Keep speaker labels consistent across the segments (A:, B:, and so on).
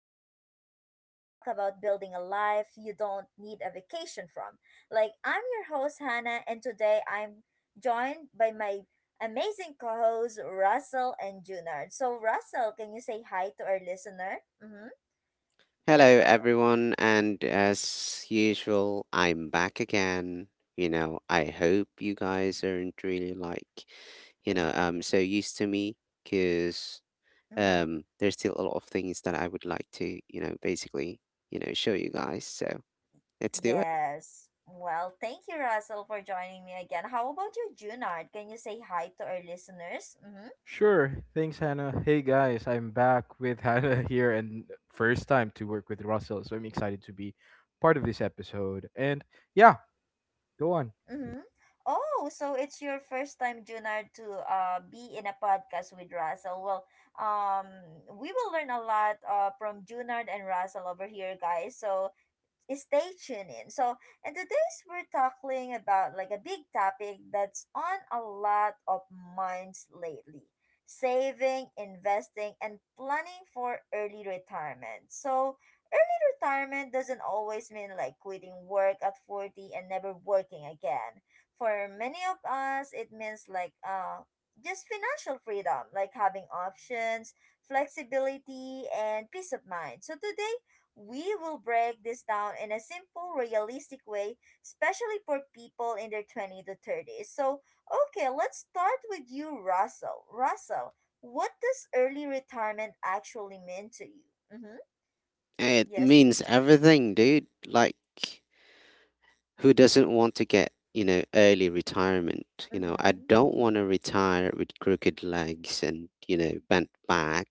A: podcast where we talk about building a life you don't need a vacation from. Like, I'm your host, Hannah, and today I'm joined by my amazing co hosts, Russell and Junard. So, Russell, can you say hi to our listener? Mm-hmm.
B: Hello,
A: Yes, Russell.
B: everyone, and as usual, I'm back again. I hope you guys aren't really like, so used to me, because
A: Mm-hmm.
B: there's still a lot of things that I would like to, basically, show you guys. So let's do it.
A: Yes. Well, thank you, Russell, for joining me again. How about you, Junard? Can you say hi to our listeners? Mm-hmm.
C: Sure. Thanks, Hannah. Hey, guys, I'm back with Hannah here and first time to work with Russell, so I'm excited to be part of this episode. And yeah, go on.
A: Mm-hmm. Oh, so it's your first time, Junard, to be in a podcast with Russell. Well, um, we will learn a lot from Junard and Russell over here, guys. So stay tuned in. And today's we're talking about like a big topic that's on a lot of minds lately, saving, investing, and planning for early retirement. So, early retirement doesn't always mean like quitting work at 40 and never working again. For many of us, it means like, just financial freedom, like having options, flexibility, and peace of mind. So today, we will break this down in a simple, realistic way, especially for people in their 20 to 30s. So, okay, let's start with you, Russell. Russell, what does early retirement actually mean to you? Mm-hmm.
B: It
A: Yes.
B: means everything, dude. Like, who doesn't want to get, early retirement? You know, I
A: Mm-hmm.
B: don't want to retire with crooked legs and, bent back.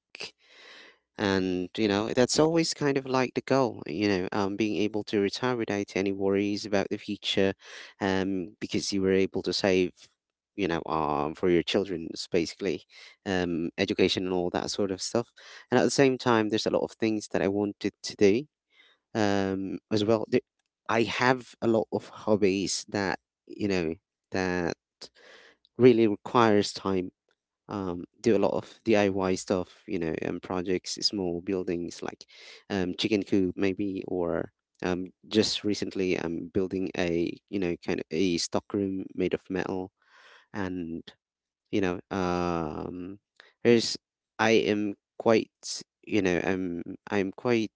B: And that's always kind of like the goal, being able to retire without any worries about the future, because you were able to save, for your children's basically education and all that sort of stuff. And at the same time there's a lot of things that I wanted to do as well. I have a lot of hobbies that you know that really requires time. Do a lot of DIY stuff, projects, small buildings like chicken coop maybe, or just recently I'm building a kind of a stock room made of metal. And you know there's I am quite you know I'm quite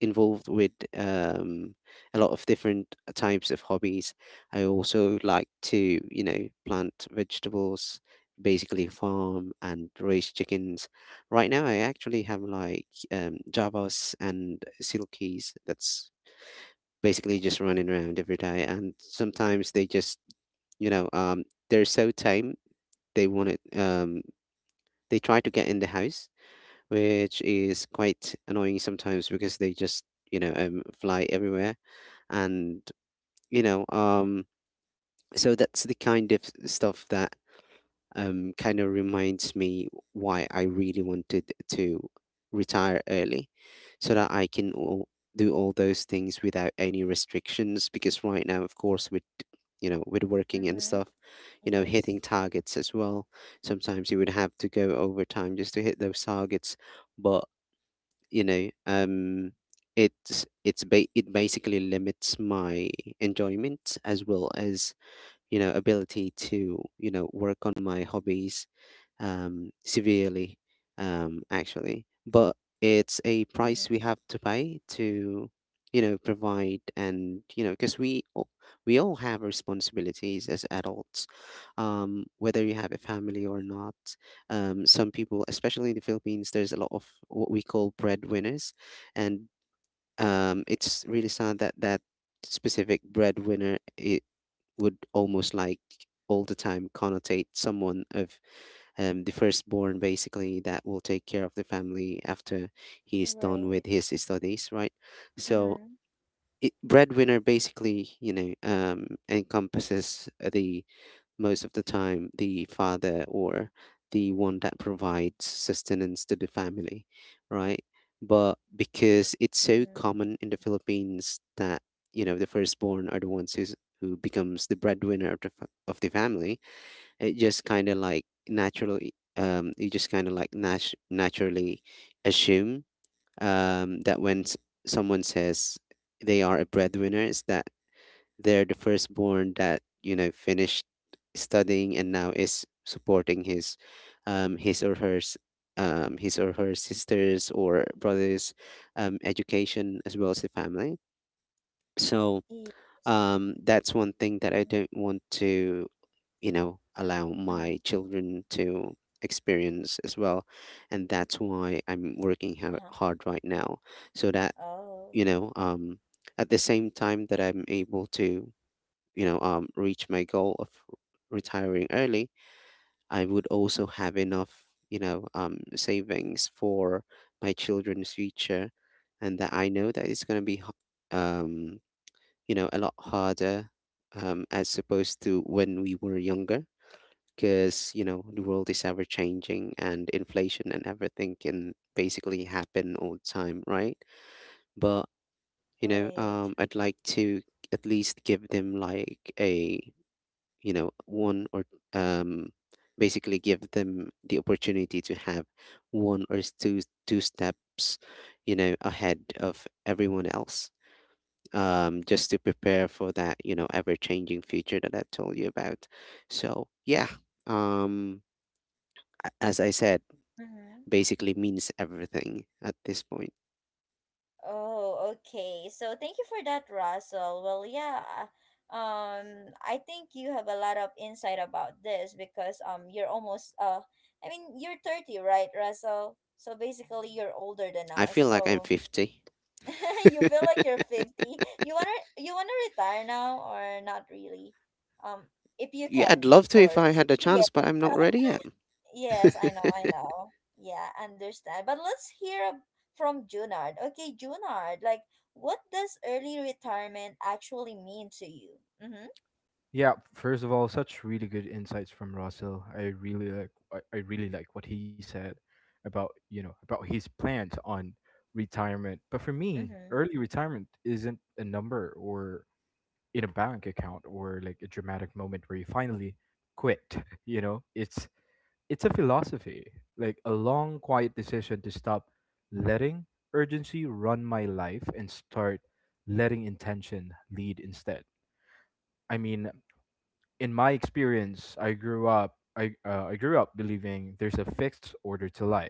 B: involved with a lot of different types of hobbies. I also like to plant vegetables, basically farm and raise chickens. Right now I actually have like javas and silkies that's basically just running around every day, and sometimes they just you know um they're so tame. They want it They try to get in the house, which is quite annoying sometimes because they just, fly everywhere. And, you know, um, so that's the kind of stuff that kind of reminds me why I really wanted to retire early, so that I can all do all those things without any restrictions. Because right now, of course, with with working and
A: Mm-hmm.
B: stuff,
A: Yes.
B: hitting targets as well. Sometimes you would have to go overtime just to hit those targets, but you know, um, it basically limits my enjoyment as well as ability to work on my hobbies severely, actually. But it's a price
A: Mm-hmm.
B: we have to pay to, provide. And because we all have responsibilities as adults, whether you have a family or not. Some people, especially in the Philippines, there's a lot of what we call breadwinners, and it's really sad that specific breadwinner, it would almost like all the time connotate someone of the firstborn, basically that will take care of the family after he is done with
A: Right.
B: his studies, right? So
A: Mm-hmm.
B: breadwinner basically, encompasses the most of the time the father, or the one that provides sustenance to the family, right? But because it's so
A: Mm-hmm.
B: common in the Philippines that the firstborn are the ones who becomes the breadwinner of the, of the family, it just kind of like naturally you just kind of like naturally assume that when someone says they are a breadwinner is that they're the firstborn that finished studying and now is supporting his um his or her s- his or her sisters or brothers' education as well as the family. So
A: Yeah.
B: that's one thing that I don't want to allow
A: Mm-hmm.
B: my children to experience as well, and that's why I'm working
A: Uh-huh.
B: hard right now, so that
A: Oh,
B: you know um at the same time that I'm able to reach my goal of retiring early, I would also have enough savings for my children's future. And that I know that it's going to be um a lot harder as opposed to when we were younger, because the world is ever changing and inflation and everything can basically happen all the time, right? But
A: right.
B: I'd like to at least give them like a you know one or um basically give them the opportunity to have one or two two steps ahead of everyone else, just to prepare for that ever changing future that I told you about. So yeah, um as I said,
A: Mm-hmm.
B: basically means everything at this point.
A: Oh, okay. So thank you for that, Russell. Well, yeah. I think you have a lot of insight about this because you're almost I mean you're 30, right, Russell? So basically you're older than
B: I
A: us.
B: feel like I'm
A: So
B: 50.
A: you feel like you're 50. You wanna retire now or not really? Um, if you
B: Yeah, I'd
A: can,
B: love
A: of
B: to if I
A: course.
B: had the
A: Yeah.
B: chance, but I'm not ready yet.
A: Yes, I know, I know. Yeah, understand. But from Junard. Okay, Junard, like, what does early retirement actually mean to you? Mm-hmm.
C: Yeah, first of all, such really good insights from Russell. I really like what he said about, you know, about his plans on retirement. But for me,
A: Mm-hmm.
C: early retirement isn't a number or in a bank account or like a dramatic moment where you finally quit, you know? It's a philosophy, like a long, quiet decision to stop letting urgency run my life and start letting intention lead instead. I mean, in my experience, I grew up. I grew up believing there's a fixed order to life.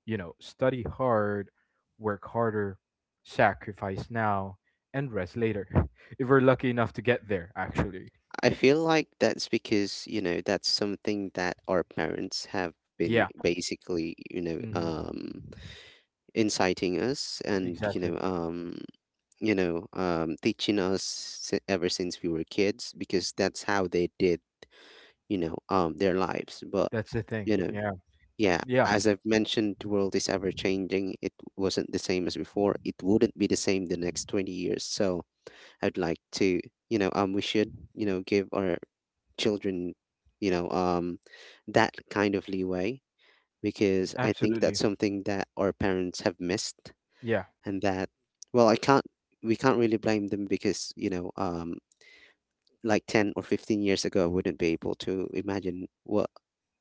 C: You know, study hard, work harder, sacrifice now, and rest later. If we're lucky enough to get there, actually.
B: I feel like that's because, that's something that our parents have been
C: Yeah.
B: basically,
C: Hmm.
B: inciting us and,
C: Exactly.
B: teaching us ever since we were kids, because that's how they did, their lives. But,
C: That's the thing.
B: you know,
C: Yeah.
B: yeah,
C: Yeah.
B: as I've mentioned, the world is ever changing. It wasn't the same as before. It wouldn't be the same the next 20 years. So I'd like to, we should, give our children, you know, um, that kind of leeway, because I
C: Absolutely.
B: think that's something that our parents have missed.
C: Yeah.
B: And that, well, I can't we can't really blame them, because like 10 or 15 years ago I wouldn't be able to imagine what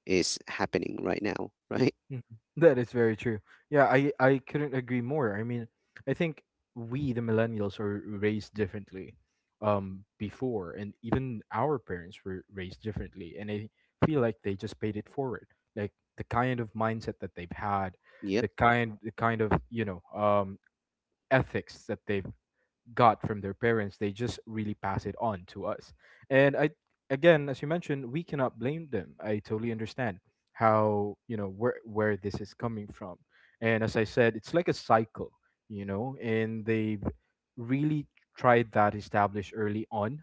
B: is happening right now. Right?
C: Mhm. That is very true. Yeah, I couldn't agree more. I mean, I think we the millennials are raised differently before, and even our parents were raised differently, and I feel like they just paid it forward. Like the kind of mindset that they've had,
B: Yep.
C: the kind of, you know, ethics that they've got from their parents, they just really pass it on to us. And I, again, as you mentioned, we cannot blame them. I totally understand how, you know, where this is coming from. And as I said, it's like a cycle, you know. And they've really tried that, established early on.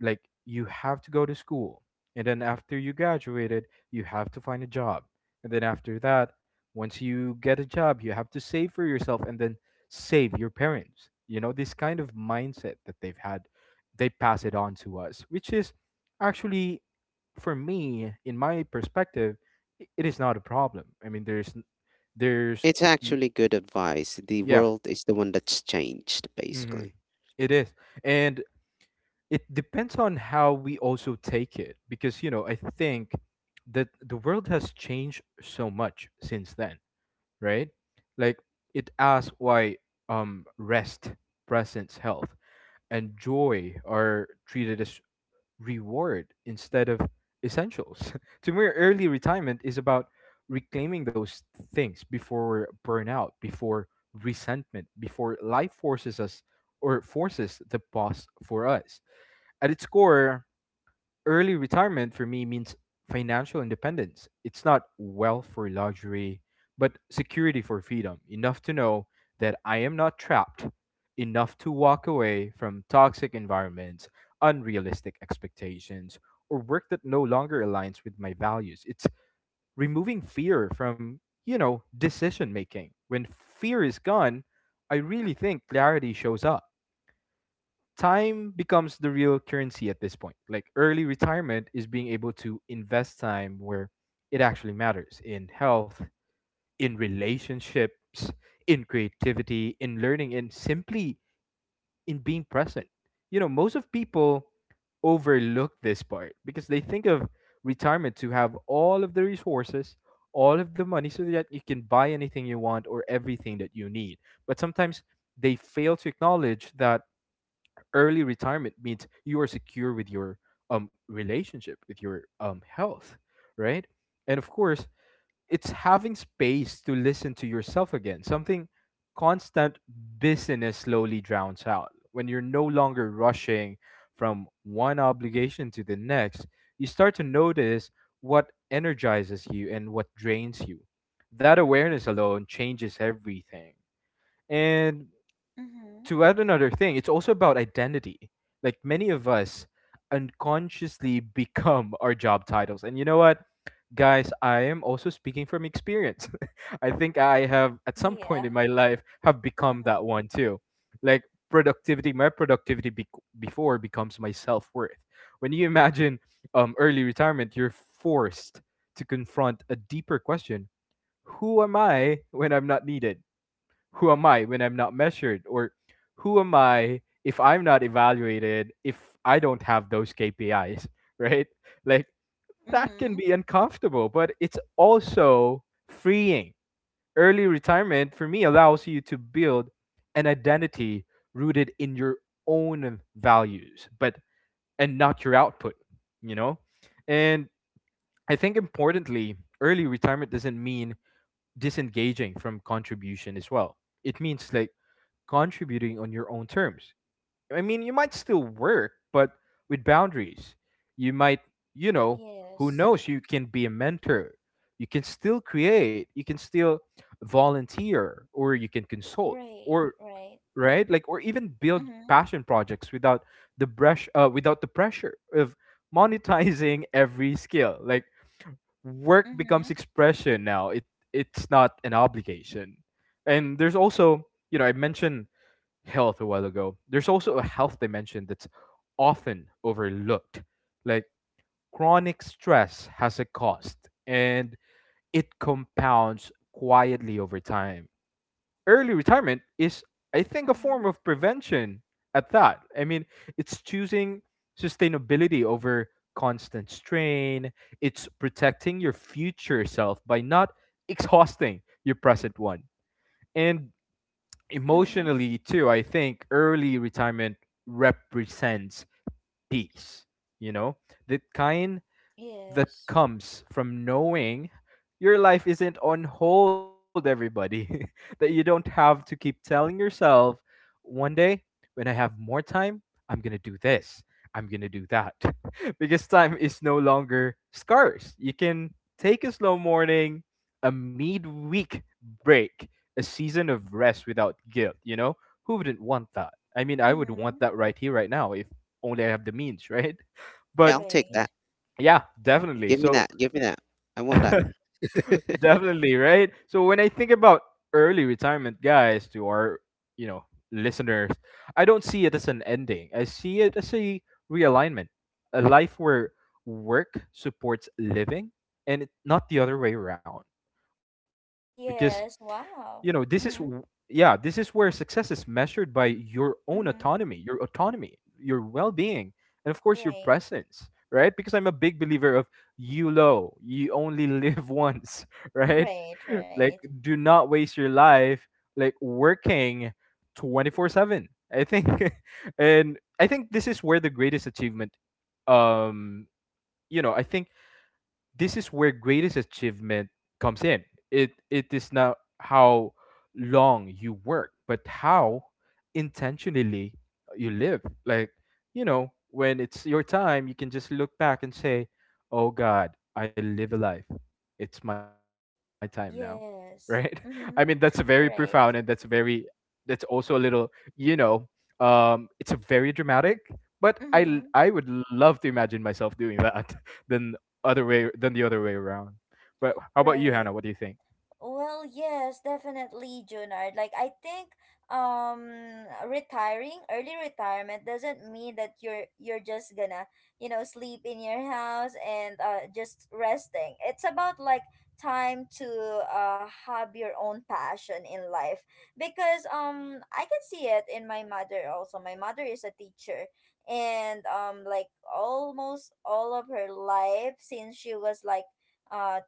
C: Like you have to go to school, and then after you graduated you have to find a job, and then after that, once you get a job you have to save for yourself, and then save your parents. You know, this kind of mindset that they've had, they pass it on to us, which is actually, for me, in my perspective, it is not a problem. I mean, there's
B: It's
C: n-
B: actually good advice. The
C: yeah,
B: world is the one that's changed,
C: mhm,
B: basically.
C: it is. And it depends on how we also take it, because, you know, I think that the world has changed so much since then, right? Like, it asks why rest, presence, health, and joy are treated as reward instead of essentials. To me, early retirement is about reclaiming those things before burnout, before resentment, before life forces us or forces the pause for us. At its core, early retirement for me means financial independence. It's not wealth for luxury, but security for freedom. Enough to know that I am not trapped, enough to walk away from toxic environments, unrealistic expectations, or work that no longer aligns with my values. It's removing fear from, you know, decision making. When fear is gone, I really think clarity shows up. Time becomes the real currency at this point. Like, early retirement is being able to invest time where it actually matters, in health, in relationships, in creativity, in learning, and simply in being present. You know, most of people overlook this part, because they think of retirement to have all of the resources, all of the money, so that you can buy anything you want or everything that you need. But sometimes they fail to acknowledge that early retirement means you are secure with your relationship, with your health, right? And of course, it's having space to listen to yourself again, something constant business slowly drowns out. When you're no longer rushing from one obligation to the next, you start to notice what energizes you and what drains you. That awareness alone changes everything. And
A: Mm-hmm.
C: to add another thing, it's also about identity. Like many of us unconsciously become our job titles. And you know what, guys, I am also speaking from experience. I think I have at some point
A: Yeah.
C: in my life have become
A: Mm-hmm.
C: that one too. Like productivity, my productivity becomes my self-worth. When you imagine early retirement, you're forced to confront a deeper question. Who am I when I'm not needed? Who am I when I'm not measured? Or who am I if I'm not evaluated, if I don't have those KPIs, right? Like, that can
A: Mm-hmm.
C: be uncomfortable, but it's also freeing. Early retirement for me allows you to build an identity rooted in your own values, but and not your output, you know? And I think, importantly, early retirement doesn't mean disengaging from contribution as well. It means like contributing on your own terms. I mean, you might still work, but with boundaries. You might, you know, who
A: Yes.
C: knows, you can be a mentor. You can still create, you can still volunteer, or you can consult,
A: Right,
C: or
A: right.
C: right? Like, or even build
A: Mm-hmm.
C: passion projects without the brush without the pressure of monetizing every skill. Like work
A: Mm-hmm.
C: becomes expression now. It it's not an obligation. And there's also, you know, I mentioned health a while ago. There's also a health dimension that's often overlooked. Like, chronic stress has a cost, and it compounds quietly over time. Early retirement is, I think, a
A: Mm-hmm.
C: form of prevention at that. I mean, it's choosing sustainability over constant strain. It's protecting your future self by not exhausting your present one. And
A: Mm-hmm.
C: emotionally too, I think early retirement represents peace, you know, that kind that
A: Yes.
C: comes from knowing your life isn't on hold, everybody. That you don't have to keep telling yourself, one day when I have more time, I'm going to do this, I'm going to do that. Because time is no longer scarce. You can take a slow morning, a midweek break, a season of rest without guilt, you know? Who wouldn't want that? I mean, I would
A: Mm-hmm.
C: want that right here, right now, if only I have the means, right?
B: Yeah,
C: But
B: I'll take
A: Right.
B: that.
C: yeah, definitely. So,
B: Give me that, I want that.
C: definitely, right? So, when I think about early retirement, guys, to our, you know, listeners, I don't see it as an ending. I see it as a realignment, a life where work supports living, and it, not the other way around. Because, you
A: Yes.
C: know,
A: Wow.
C: yeah,
A: Mm-hmm.
C: this is where success is measured by your own autonomy,
A: Mm-hmm.
C: your well-being, and of course your
A: Right.
C: presence, right? Because I'm a big believer of you only live once, right?
A: Right, right.
C: Like, do not waste your life, like working 24/7, I think. And I think this is where the greatest achievement um you know I think this is where greatest achievement comes in. It is not how long you work, but how intentionally you live. Like, you know, when it's your time, you can just look back and say, "Oh god, I live a life. It's my time now." Right? I
A: Yes.
C: mean, that's very
A: Mm-hmm.
C: profound, and that's
A: Right.
C: very, that's also a little, you know, it's a very dramatic, but I
A: Mm-hmm.
C: would love to imagine myself doing that than other way than the other way around. But how about you, Hannah?
A: Right.
C: What do you think?
A: Well, yes, definitely, Junard. Like I think um retiring, early retirement doesn't mean that you're just gonna, you know, sleep in your house and just resting. It's about like time to have your own passion in life because I can see it in my mother also. My mother is a teacher and like almost all of her life since she was like uh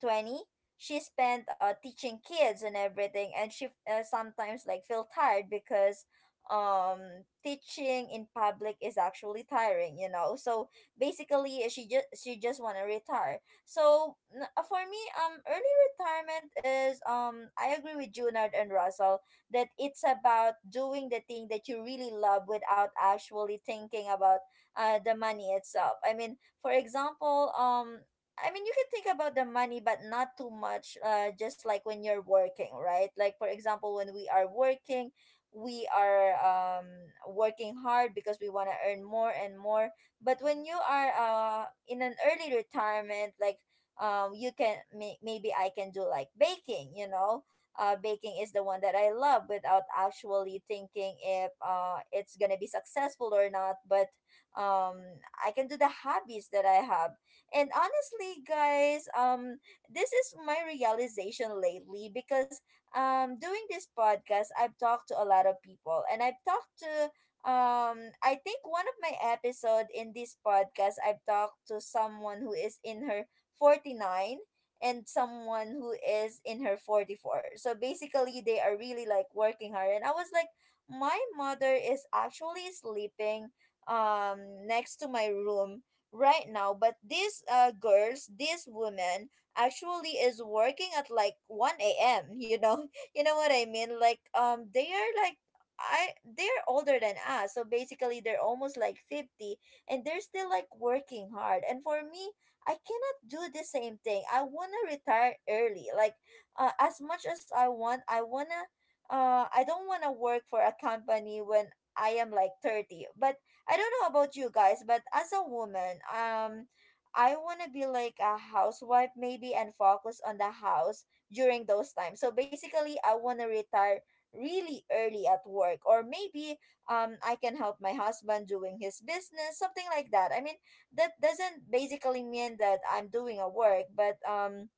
A: 20, she spent teaching kids and everything, and she sometimes like feel tired because um teaching in public is actually tiring, you know. So basically she just want to retire. For me early retirement is I agree with Junard and Russell that it's about doing the thing that you really love without actually thinking about the money itself. I mean, for example, I mean, you can think about the money, but not too much. Just like when you're working, right? Like for example, when we are working hard because we want to earn more and more. But when you are in an early retirement, like you can maybe I can do like baking. You know, baking is the one that I love without actually thinking if it's gonna be successful or not. But um I can do the hobbies that I have. And honestly, guys, this is my realization lately because doing this podcast, I've talked to a lot of people, and I've talked to I think one of my episode in this podcast, I've talked to someone who is in her 49, and someone who is in her 44. So basically they are really like working hard, and I was like, my mother is actually sleeping um next to my room right now, but these girls, this woman, actually is working at like 1 a.m, you know. You know what I mean, like they are like, I they're older than us, so basically they're almost like 50, and they're still like working hard. And for me, I cannot do the same thing. I want to retire early, like as much as I want. I want to, I don't want to work for a company when I am like 30. But I don't know about you guys, but as a woman, I want to be like a housewife maybe and focus on the house during those times. So basically, I want to retire really early at work, or maybe I can help my husband doing his business, something like that. I mean, that doesn't basically mean that I'm doing a work, but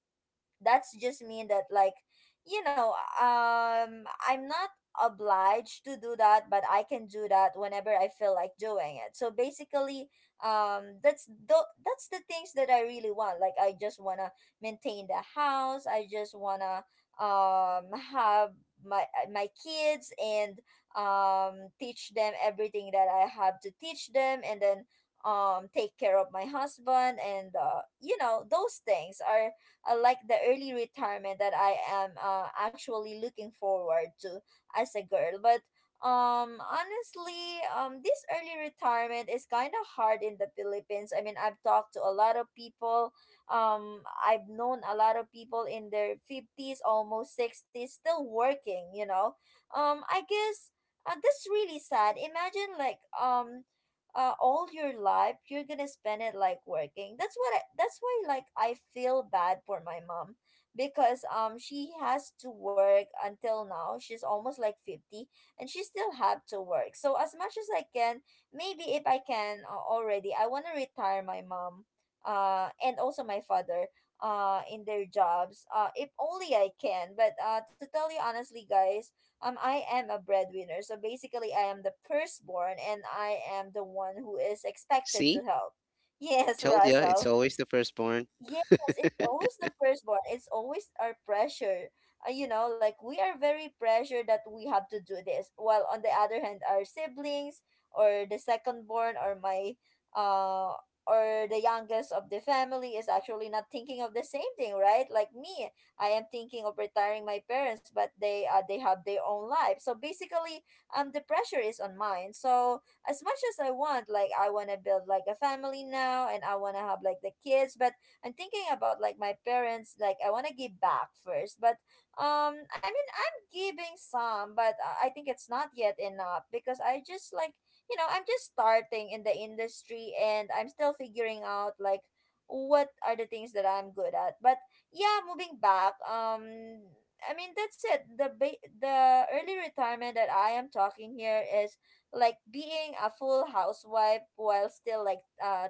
A: that's just mean that like, you know, I'm not obliged to do that, but I can do that whenever I feel like doing it. So basically, um that's the that's the things that I really want. Like I just want to maintain the house, I just want to have my my kids and teach them everything that I have to teach them, and then take care of my husband, and you know, those things are like the early retirement that I am actually looking forward to as a girl. But honestly, this early retirement is kind of hard in the Philippines. I mean, I've talked to a lot of people, um I've known a lot of people in their 50s, almost 60s, still working, you know. I guess that's really sad. Imagine like all your life you're gonna spend it like working. That's what I, that's why like I feel bad for my mom because she has to work until now. She's almost like 50 and she still have to work. So as much as I can, maybe if I can already, I want to retire my mom and also my father in their jobs, if only I can. But to tell you honestly, guys, I am a breadwinner. So basically I am the firstborn, and I am the one who is expected to
B: See,
A: help. Yes,
B: told ya, it's
A: Russell.
B: always the firstborn.
A: Yes, it's always the firstborn. It's always our pressure. You know, like we are very pressured that we have to do this. While on the other hand, our siblings or the secondborn, or my uh or the youngest of the family is actually not thinking of the same thing, right? Like me, I am thinking of retiring my parents, but they have their own life. So basically, the pressure is on mine. So as much as I want, like I want to build like a family now and I want to have like the kids, but I'm thinking about like my parents. Like I want to give back first, but I mean I'm giving some, but I think it's not yet enough because I just like, you know, I'm just starting in the industry and I'm still figuring out like what are the things that I'm good at. But yeah, moving back, I mean that's it. The early retirement that I am talking here is like being a full housewife while still like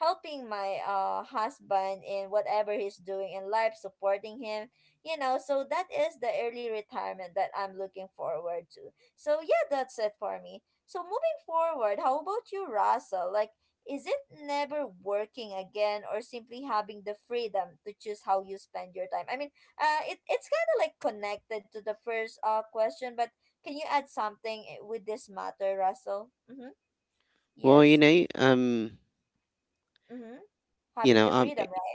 A: helping my husband in whatever he's doing in life, supporting him, you know. So that is the early retirement that I'm looking forward to. So yeah, that's it for me. So moving forward, how about you, Russell? Like, is it never working again or simply having the freedom to choose how you spend your time? I mean, it's kind of like connected to the first question. But can you add something with this matter, Russell? Mm-hmm.
B: well you
A: Yes.
B: know um
A: Mm-hmm.
B: you
A: Having
B: know
A: the
B: um
A: freedom, right?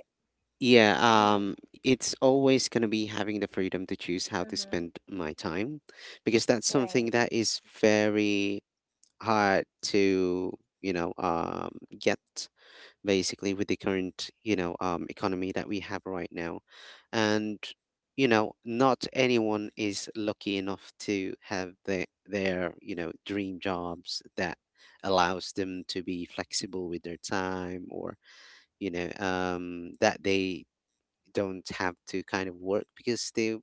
B: yeah,
A: Mm-hmm.
B: um, it's always going to be having the freedom to choose how to
A: Mm-hmm.
B: spend my time, because that's
A: Right.
B: something that is very hard to, you know, um, get basically with the current, economy that we have right now. And, not anyone is lucky enough to have their dream jobs that allows them to be flexible with their time, or that they don't have to kind of work because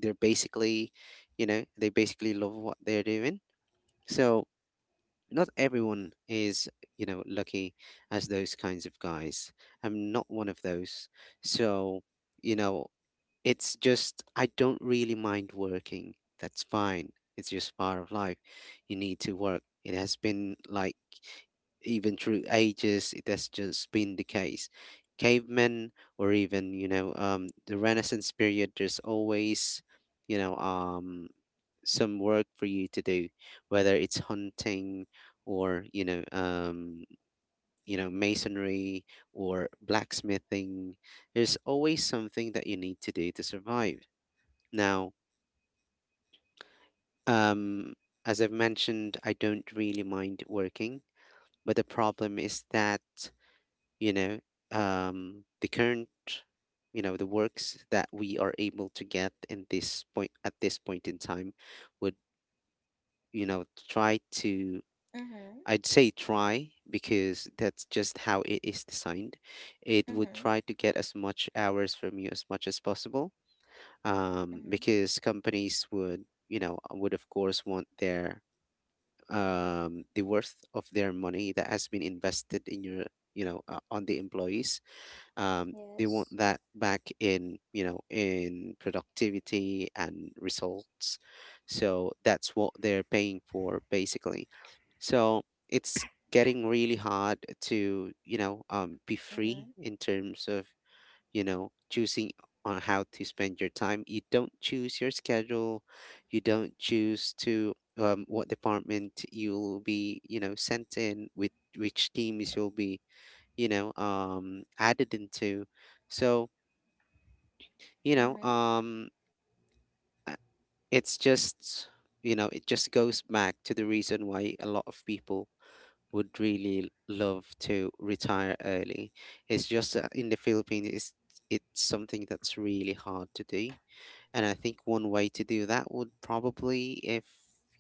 B: they're basically they basically love what they're doing. So not everyone is lucky as those kinds of guys. I'm not one of those. So you know it's just, I don't really mind working. That's fine. It's just part of life. You need to work. It has been like, even through ages, it has just been the case. Cavemen, or even, the Renaissance period, there's always, you know, um, some work for you to do, whether it's hunting or, you know, masonry or blacksmithing. There's always something that you need to do to survive. Now, um, as I've mentioned, I don't really mind working, but the problem is that, you know, the current, the works that we are able to get in this point at this point in time would, try to,
A: Mm-hmm.
B: I'd say try because that's just how it is designed. It would
A: Mm-hmm.
B: try to get as much hours from you as much as possible,
A: Mm-hmm.
B: because companies would, would of course want their the worth of their money that has been invested in your on the employees. They want
A: Yes.
B: that back in, in productivity and results. So that's what they're paying for basically. So it's getting really hard to be
A: Mm-hmm.
B: free in terms of choosing on how to spend your time. You don't choose your schedule. You don't choose to what department you'll be, sent in with which teams you'll be, added into. So, you know,
A: Mm-hmm.
B: um, uh, it's just, it just goes back to the reason why a lot of people would really love to retire early. It's just that in the Philippines, it's something that's really hard to do. And I think one way to do that would probably if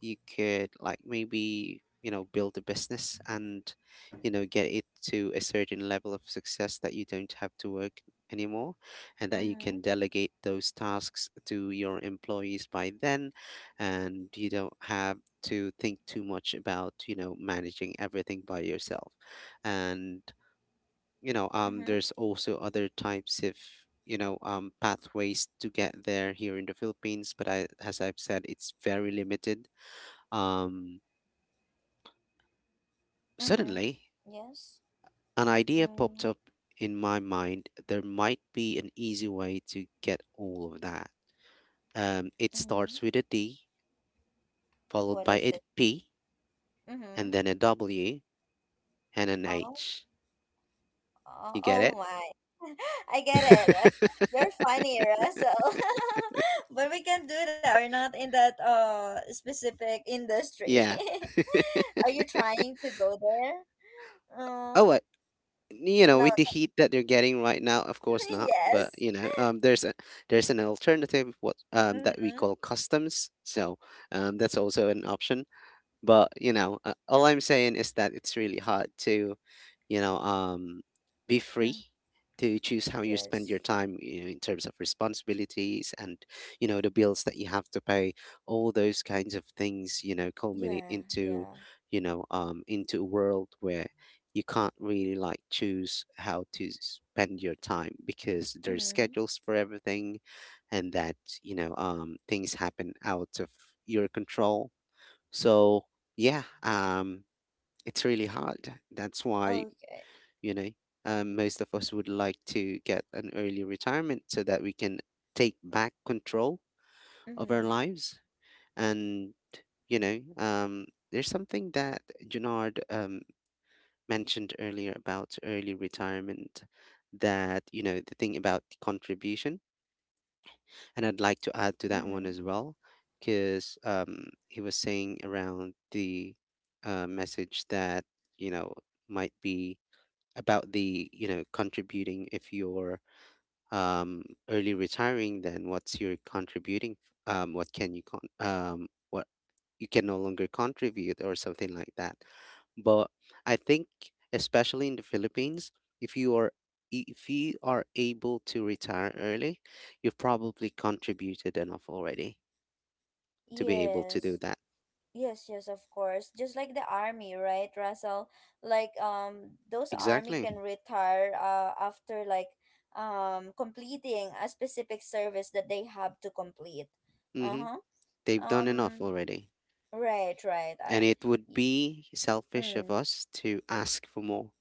B: you could like maybe, build a business and, get it to a certain level of success that you don't have to work anymore, and that you
A: Mm-hmm.
B: can delegate those tasks to your employees by then, and you don't have to think too much about, managing everything by yourself. And
A: Mm-hmm.
B: there's also other types of pathways to get there here in the Philippines, but I, as I've said, it's very limited. um
A: Mm-hmm.
B: Suddenly
A: Yes.
B: an idea popped
A: Mm-hmm.
B: up in my mind, there might be an easy way to get all of that. It
A: Mm-hmm.
B: starts with a D, followed
A: What
B: by
A: is
B: a
A: the
B: P,
A: Mm-hmm.
B: and then a W and an
A: Oh,
B: H.
A: oh,
B: You get
A: oh
B: it?
A: my? I get it. You're funny, Russell. But we can't do that. We're not in that specific industry.
B: Yeah,
A: Are you trying to go there? Oh.
B: oh I, you know,
A: No.
B: with the heat that they're getting right now, of course not. But
A: Yes.
B: there's a there's an alternative what that we
A: Mm-hmm.
B: call customs. So that's also an option. But all I'm saying is that it's really hard to you know um be free to choose how you spend
A: Yes.
B: your time, you know, in terms of responsibilities and, you know, the bills that you have to pay. All those kinds of things, you know, culminate
A: Yeah,
B: into,
A: yeah.
B: into a world where you can't really, like, choose how to spend your time because there's
A: Mm-hmm.
B: schedules for everything. And that, things happen out of your control. So yeah, it's really hard. That's why,
A: Okay.
B: you know, most of us would like to get an early retirement so that we can take back control of our
A: Mm-hmm.
B: lives. And, you know, there's something that Junard mentioned earlier about early retirement, that, you know, the thing about contribution. And I'd like to add to that one
A: Mm-hmm.
B: as well, because he was saying around the message that, you know, might be about the, you know, contributing. If you're um, early retiring, then what's your contributing? What can you what you can no longer contribute, or something like that. But I think, especially in the Philippines, if you are if you are able to retire early, you've probably contributed enough already to be able to do
A: Yes.
B: that.
A: Yes, yes, of course. Just like the army, right, Russell? Like those army
B: Exactly.
A: can retire after like completing a specific service that they have to complete.
B: Mm-hmm.
A: Uh-huh.
B: They've done enough
A: Um
B: already.
A: right, right.
B: And it would
A: Y-
B: be selfish of
A: mm.
B: us to ask for more.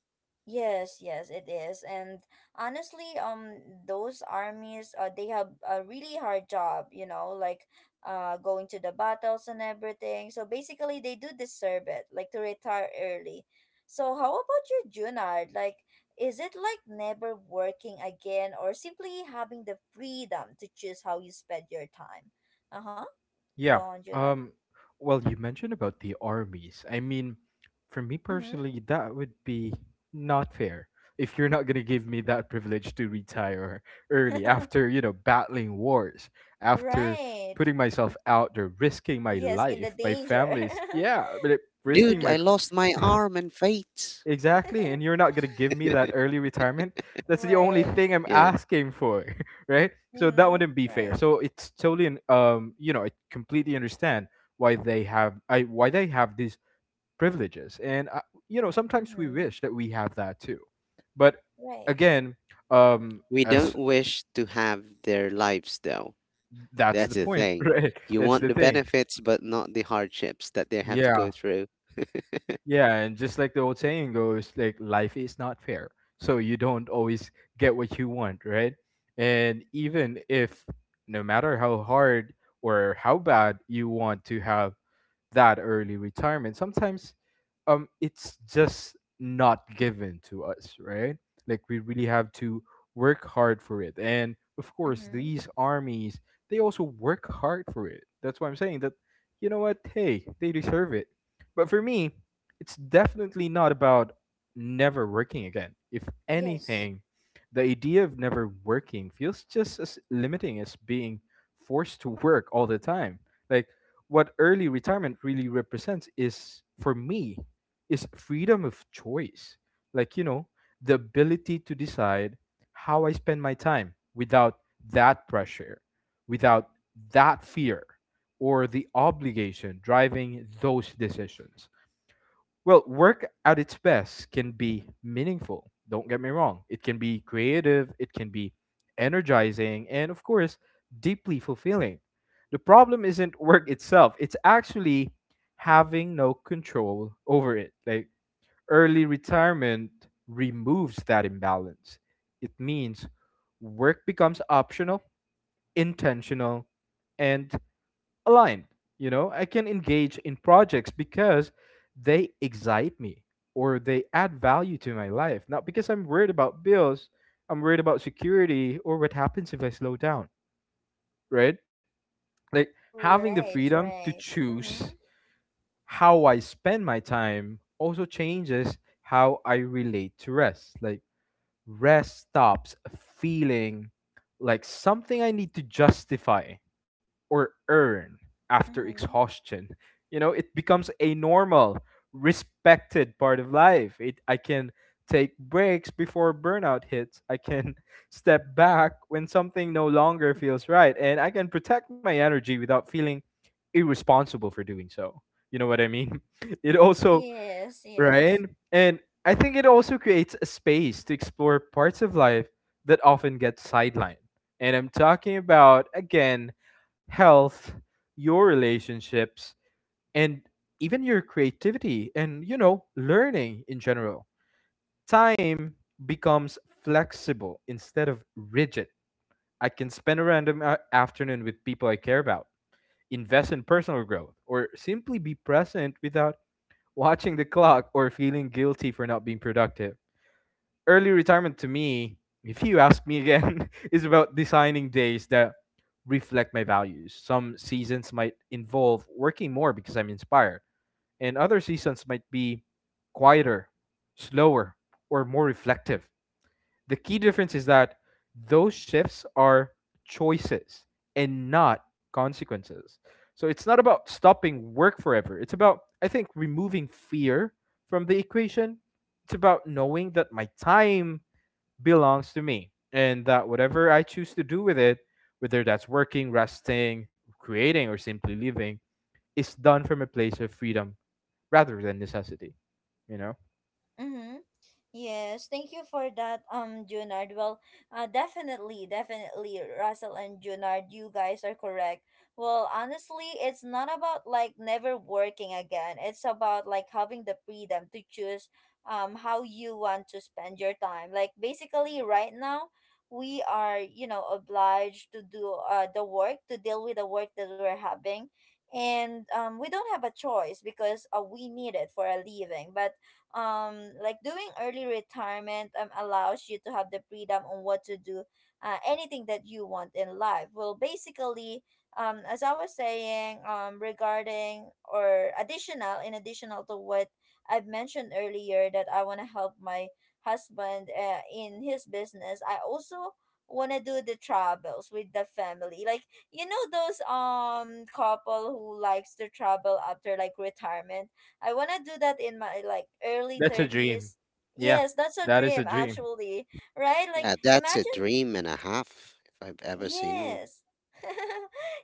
A: Yes, yes, it is. And honestly, those armies, they have a really hard job, you know, like going to the battles and everything. So basically, they do deserve it, like to retire early. So how about you, Junard? Like, is it like never working again or simply having the freedom to choose how you spend your time? Uh-huh. Go
C: Yeah.
A: on, Junard.
C: Um well, you mentioned about the armies. I mean, for me
A: Mm-hmm.
C: personally, that would be not fair. If you're not gonna give me that privilege to retire early after, you know, battling wars, after
A: Right.
C: putting myself out there, risking my
A: Yes, in the
C: life, my
A: danger.
C: family's, yeah, but risking
B: Dude,
A: Mhm.
C: my
B: I lost my arm and fate.
C: Exactly, and you're not gonna give me that early retirement. That's the only
A: Right.
C: thing I'm
B: Yeah.
C: asking for, right? So that
A: Mm-hmm.
C: wouldn't be fair.
A: Right.
C: So it's totally, you know, I completely understand why they have, I why they have these privileges, and I, you know, sometimes we
A: Mm-hmm.
C: wish that we have that too, but
A: Right.
C: again,
B: We don't
C: as
B: wish to have their lives, though.
C: that's
B: That's
C: the
B: the
C: point,
B: thing.
C: right?
B: You
C: That's
B: want
C: the
B: the
C: thing.
B: benefits, but not the hardships that they have to go
C: Yeah.
B: through.
C: Yeah, and just like the old saying goes, like, life is not fair. So you don't always get what you want, right? And even if, no matter how hard or how bad you want to have that early retirement, sometimes it's just not given to us, right? Like, we really have to work hard for it. And of course
A: Mm-hmm.
C: these armies, they also work hard for it. That's why I'm saying that, you know what, hey, they deserve it. But for me, it's definitely not about never working again. If
A: Yes.
C: anything, the idea of never working feels just as limiting as being forced to work all the time. Like, what early retirement really represents is, for me, is freedom of choice. Like, you know, the ability to decide how I spend my time without that pressure, without that fear, or the obligation driving those decisions. Well, work at its best can be meaningful. Don't get me wrong. It can be creative, it can be energizing, and of course, deeply fulfilling. The problem isn't work itself. It's actually having no control over it. Like, early retirement removes that imbalance. It means work becomes optional, intentional, and aligned. You know, I can engage in projects because they excite me or they add value to my life. Not because I'm worried about bills, I'm worried about security or what happens if I slow down, right? Like Having the
A: Right,
C: freedom to
A: right.
C: choose
A: Mm-hmm.
C: how I spend my time also changes how I relate to rest. Rest stops feeling like something I need to justify or earn after
A: Mm-hmm.
C: exhaustion. You know, it becomes a normal, respected part of life. I can take breaks before burnout hits. I can step back when something no longer feels right. And I can protect my energy without feeling irresponsible for doing so. You know what I mean? It also
A: Yes,
C: right?
A: yes.
C: And I think it also creates a space to explore parts of life that often get sidelined. And I'm talking about, again, health, your relationships, and even your creativity and, you know, learning in general. Time becomes flexible instead of rigid. I can spend a random afternoon with people I care about, invest in personal growth, or simply be present without watching the clock, or feeling guilty for not being productive. Early retirement to me, if you ask me again, is about designing days that reflect my values. Some seasons might involve working more because I'm inspired, and other seasons might be quieter, slower, or more reflective. The key difference is that those shifts are choices and not consequences. So it's not about stopping work forever. It's about, I think, removing fear from the equation. It's about knowing that my time belongs to me and that whatever I choose to do with it, whether that's working, resting, creating, or simply living, is done from a place of freedom rather than necessity. You know,
A: Mm-hmm. Yes, thank you for that, Junard. Well, definitely, Russell and Junard, you guys are correct. Well, honestly, it's not about like never working again. It's about like having the freedom to choose, how you want to spend your time. Like basically, right now, we are, you know, obliged to do the work to deal with the work that we're having, and we don't have a choice because we need it for a living, but like doing early retirement allows you to have the freedom on what to do anything that you want in life. Well, basically, as I was saying, regarding or additional to what I've mentioned earlier, that I want to help my husband in his business, I also want to do the travels with the family. Like, you know, those couple who likes to travel after like retirement, I want to do that in my like early
C: that's a dream.
A: 30s.
C: Yeah,
A: Yes, that's a
C: that is a
A: dream
C: dream.
A: actually, right? Like
B: Yeah, that's a
A: imagine.
B: dream and a half, if I've ever seen one.
A: Yes.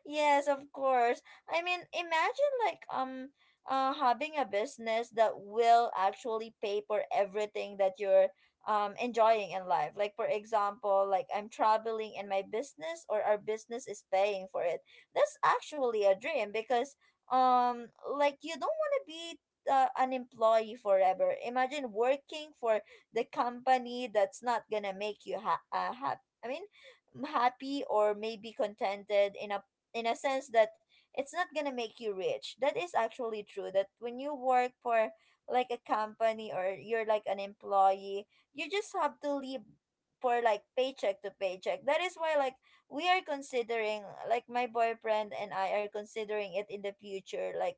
A: Yes, of course. I mean, imagine like having a business that will actually pay for everything that you're enjoying in life. Like for example, like I'm traveling in my business, or our business is paying for it. That's actually a dream, because um like you don't want to be an employee forever. Imagine working for the company that's not gonna make you happy. I mean, happy or maybe contented in a sense that it's not gonna make you rich. That is actually true. That when you work for like a company, or you're like an employee, you just have to live for like paycheck to paycheck. That is why, like, we are considering, like my boyfriend and I are considering it in the future, like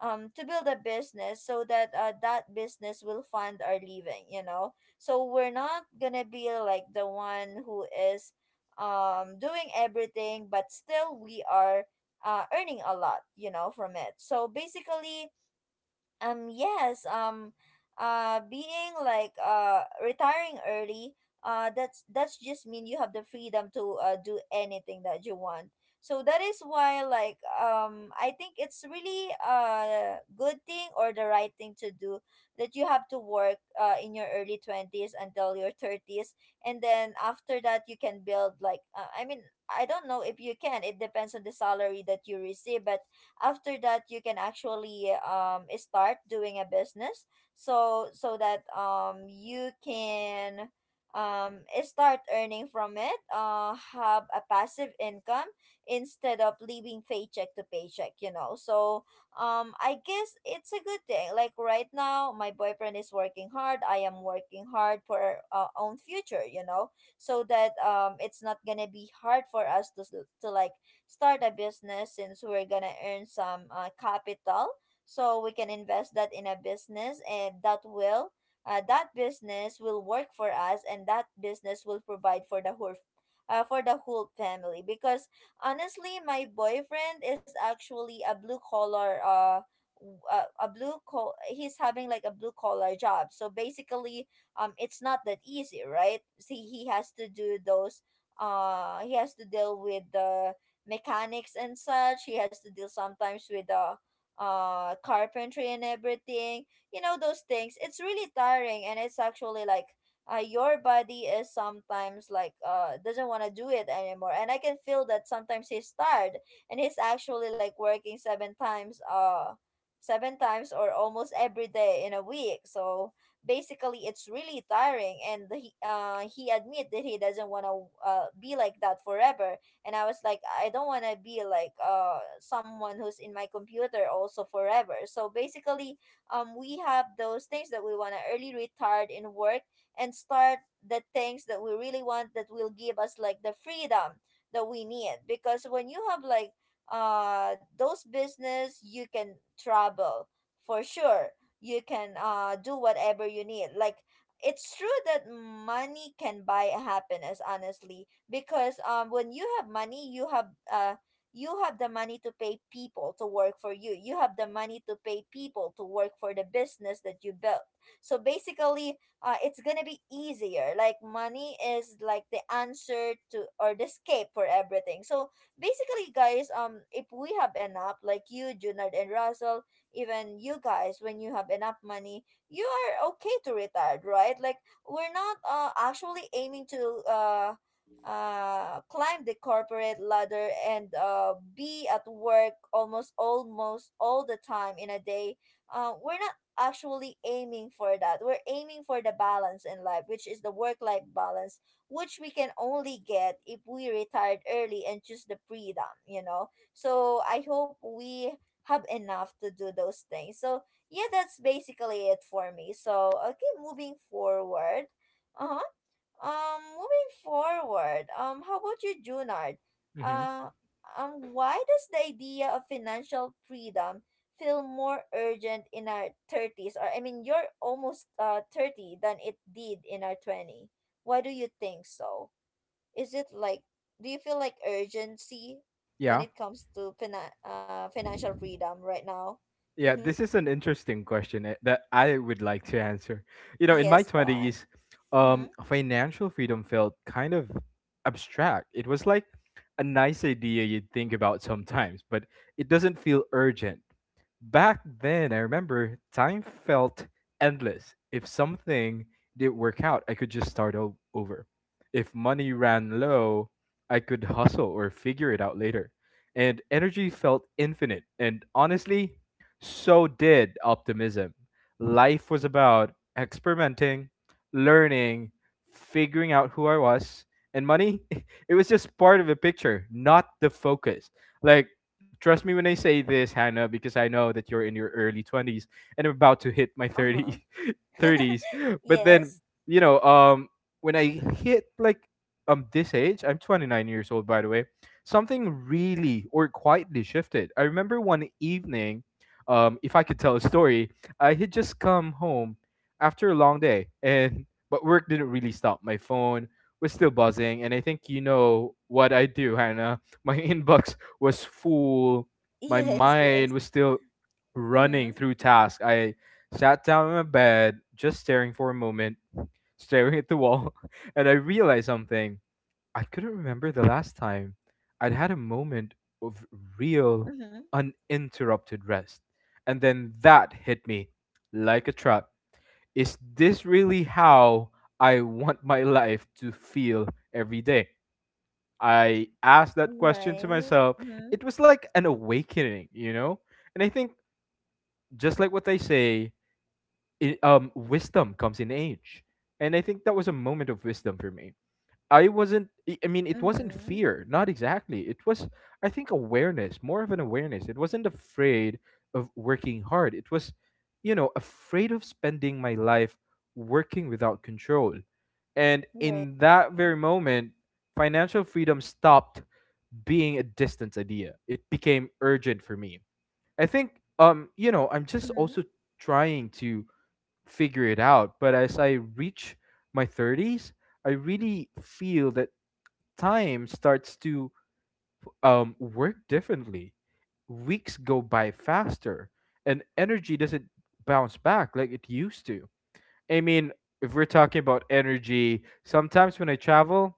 A: to build a business, so that that business will fund our living, you know. So we're not gonna be like the one who is doing everything, but still we are earning a lot, you know, from it. So basically, um yes um being like retiring early, that's just mean you have the freedom to do anything that you want. So that is why, like, I think it's really a good thing, or the right thing to do, that you have to work in your early 20s until your 30s, and then after that you can build like I mean, I don't know if you can, it depends on the salary that you receive, but after that you can actually start doing a business, so that you can start earning from it, have a passive income instead of living paycheck to paycheck, you know. So I guess it's a good thing. Like right now, my boyfriend is working hard, I am working hard for our own future, you know, so that it's not gonna be hard for us to like start a business, since we're gonna earn some capital, so we can invest that in a business, and that will that business will work for us, and that business will provide for the whole family. Because honestly, my boyfriend is actually a blue collar w- a blue col he's having like a blue collar job. So basically, it's not that easy, right? See, he has to do those he has to deal with the mechanics and such. He has to deal sometimes with the carpentry and everything. You know those things. It's really tiring, and it's actually like your body is sometimes like doesn't want to do it anymore, and I can feel that sometimes he's tired, and he's actually like working seven times or almost every day in a week. So basically, it's really tiring, and he admit that he doesn't want to be like that forever. And I was like, I don't want to be like someone who's in my computer also forever. So basically, we have those things that we want to early retire in work and start the things that we really want, that will give us like the freedom that we need. Because when you have like those business, you can travel for sure, you can do whatever you need. Like, it's true that money can buy happiness, honestly, because when you have money, you have the money to pay people to work for you, you have the money to pay people to work for the business that you built. So basically, it's gonna be easier. Like money is like the answer to, or the escape for everything. So basically, guys, if we have enough, like you Junard and Russell, even you guys, when you have enough money, you are okay to retire, right? Like we're not actually aiming to climb the corporate ladder and be at work almost all the time in a day. We're not actually aiming for that. We're aiming for the balance in life, which is the work life balance, which we can only get if we retired early and choose the freedom, you know. So I hope we have enough to do those things. So yeah, that's basically it for me. So okay, moving forward. Uh-huh. Moving forward, how about you, Junard?
C: Hmm.
A: Uh, why does the idea of financial freedom feel more urgent in our thirties, or I mean, you're almost 30, than it did in our 20? Why do you think so? Is it like, do you feel like urgency
C: Yeah.
A: when it comes to financial freedom right now?
C: Yeah,
A: Mm-hmm.
C: this is an interesting question eh, that I would like to answer. You know, in my
A: Yes, go on.
C: 20s,
A: Mm-hmm.
C: financial freedom felt kind of abstract. It was like a nice idea you'd think about sometimes, but it doesn't feel urgent. Back then, I remember time felt endless. If something didn't work out, I could just start over. If money ran low, I could hustle or figure it out later. And energy felt infinite. And honestly, so did optimism. Life was about experimenting, learning, figuring out who I was, and money, it was just part of the picture, not the focus. Like trust me when I say this, Hannah, because I know that you're in your early 20s and I'm about to hit my 30s.
A: Uh-huh.
C: 30s. But then,
A: Yes.
C: you know, when I hit like this age, I'm 29 years old by the way. Something really or quietly shifted. I remember one evening, if I could tell a story, I had just come home after a long day and but work didn't really stop. My phone was still buzzing and I think you know what I do, Hannah. My inbox was full. My
A: Yes.
C: mind
A: Yes.
C: was still
A: Mm-hmm.
C: running through tasks I sat down in my bed, just staring for a moment, staring at the wall, and I realized something. I couldn't remember the last time I'd had a moment of real,
A: Mhm.
C: uninterrupted rest. And then that hit me like a trap. Is this really how I want my life to feel every day? I asked that question to
A: Right.
C: myself.
A: Mhm.
C: It was like an awakening, you know? And I think, just like what they say, wisdom comes in age, and I think that was a moment of wisdom for me. I mean it wasn't
A: Mhm.
C: fear, not exactly. It was, I think, awareness, more of an awareness. It wasn't afraid of working hard, it was, you know, afraid of spending my life working without control. And
A: Right.
C: in that very moment financial freedom stopped being a distant idea, it became urgent for me. I think, you know, I'm just also
A: Mhm.
C: trying to figure it out. But as I reach my 30s, I really feel that time starts to work differently. Weeks go by faster, and energy doesn't bounce back like it used to. I mean, if we're talking about energy, sometimes when I travel,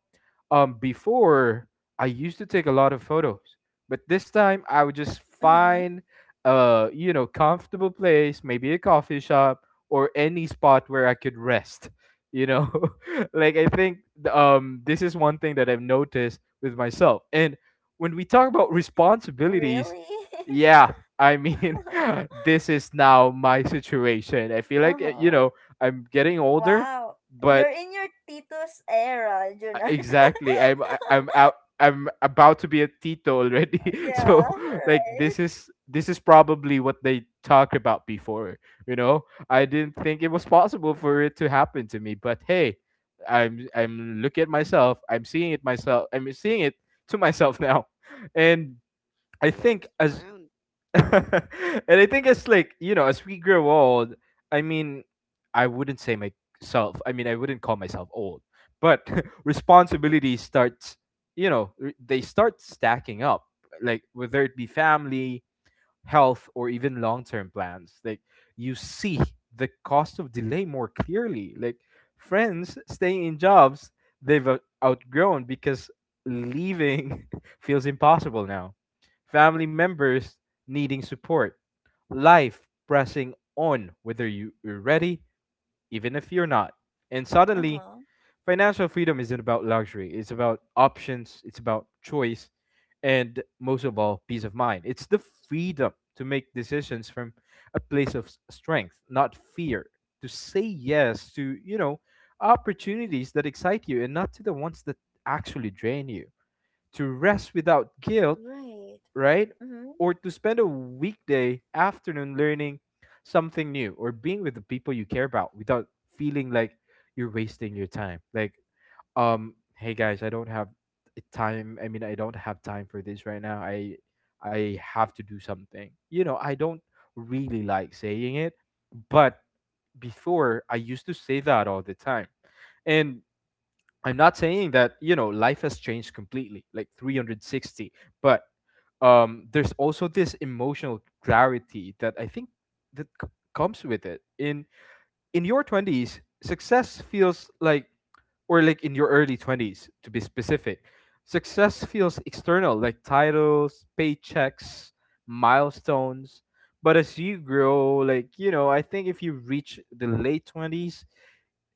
C: before I used to take a lot of photos, but this time I would just
A: Mhm.
C: find a, you know, comfortable place, maybe a coffee shop or any spot where I could rest. You know, like I think this is one thing that I've noticed with myself. And when we talk about responsibilities,
A: Really?
C: yeah, I mean, this is now my situation. I feel like you
A: Uh-huh.
C: know, I'm getting older,
A: Wow. You're
C: but
A: in your Titus era, Junard.
C: exactly, I'm out. I'm about to be a Tito already.
A: Yeah,
C: So like
A: right.
C: this is probably what they talked about before. You know, I didn't think it was possible for it to happen to me, but hey, I'm looking at myself. I'm seeing it myself. I'm seeing it to myself now, and I
B: The world
C: think
B: is
C: as
B: round,
C: and I think it's like, you know, as we grow old, I mean, I wouldn't say myself, I mean, I wouldn't call myself old, but responsibilities start, you know, they start stacking up. Like, whether it be family, health or even long-term plans, like you see the cost of delay more clearly. Like friends staying in jobs they've outgrown because leaving feels impossible now, family members needing support, life pressing on whether you're ready even if you're not. And suddenly
A: Uh-huh.
C: financial freedom isn't about luxury. It's about options. It's about choice, and most of all, peace of mind. It's the freedom to make decisions from a place of strength, not fear. To say yes to, you know, opportunities that excite you, and not to the ones that actually drain you. To rest without guilt,
A: Right.
C: right?
A: Mhm.
C: Or to spend a weekday afternoon learning something new, or being with the people you care about without feeling like you're wasting your time. Like hey guys, I don't have time I mean I don't have time for this right now. I have to do something, you know? I don't really like saying it, but before I used to say that all the time. And I'm not saying that, you know, life has changed completely like 360, but there's also this emotional clarity that I think that c- comes with it. In your 20s, success feels like, or like in your early 20s, to be specific, success feels external, like titles, paychecks, milestones. But as you grow, like, you know, I think if you reach the late 20s,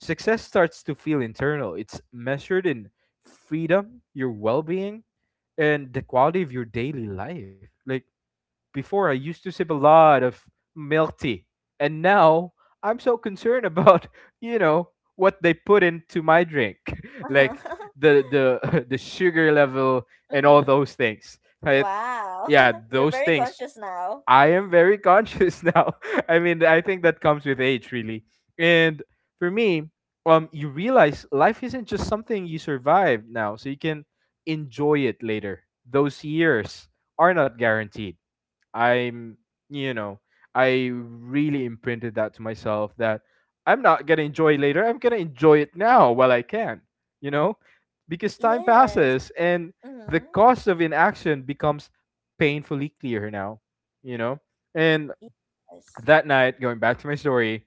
C: success starts to feel internal. It's measured in freedom, your well being, and the quality of your daily life. Like, before I used to sip a lot of milk tea, and now I'm so concerned about you know what they put into my drink, like
A: Uh-huh.
C: the the sugar level and all
A: Mhm.
C: those things. Right? Yeah,
A: Wow. You're
C: those
A: very
C: things.
A: conscious now.
C: I am very conscious now. I mean, I think that comes with age, really. And for me, you realize life isn't just something you survive now, so you can enjoy it later. Those years are not guaranteed. I'm, you know, I really imprinted that to myself that I'm not gonna enjoy later. I'm gonna enjoy it now while I can, you know, because time
A: Yes.
C: passes and the
A: Mhm.
C: cost of inaction becomes painfully clear now, you know, and
A: Yes.
C: that night, going back to my story,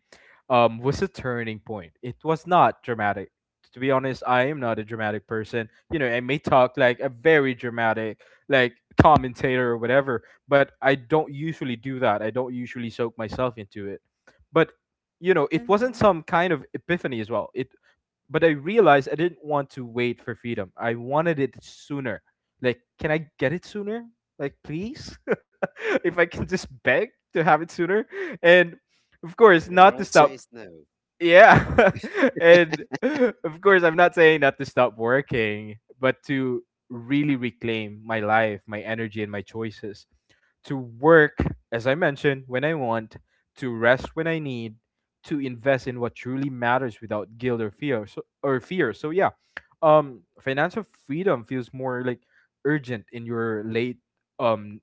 C: was a turning point. It was not dramatic. To be honest, I am not a dramatic person. You know, I may talk like a very dramatic, like commentator or whatever, but I don't usually do that. I don't usually soak myself into it. But you know, it wasn't
A: Mhm.
C: some kind of epiphany as well. It but I realized I didn't want to wait for freedom. I wanted it sooner. Like, can I get it sooner? Like, please, if I can just beg to have it sooner. And of course,
B: and the
C: not to
B: world
C: stop.
B: says no.
C: Yeah. And of course I'm not saying not to stop working, but to really reclaim my life, my energy and my choices. To work, as I mentioned, when I want, to rest when I need, to invest in what truly matters without guilt or fear so yeah. Financial freedom feels more like urgent in your late um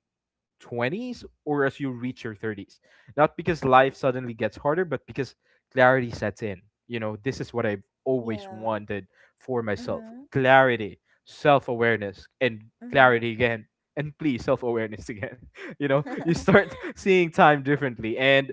C: 20s or as you reach your 30s. Not because life suddenly gets harder, but because clarity sets in. You know, this is what I've always
A: Yeah.
C: wanted for myself,
A: Mhm.
C: clarity, self awareness, and
A: Mhm.
C: clarity again. And please, self awareness again. You know, you start seeing time differently and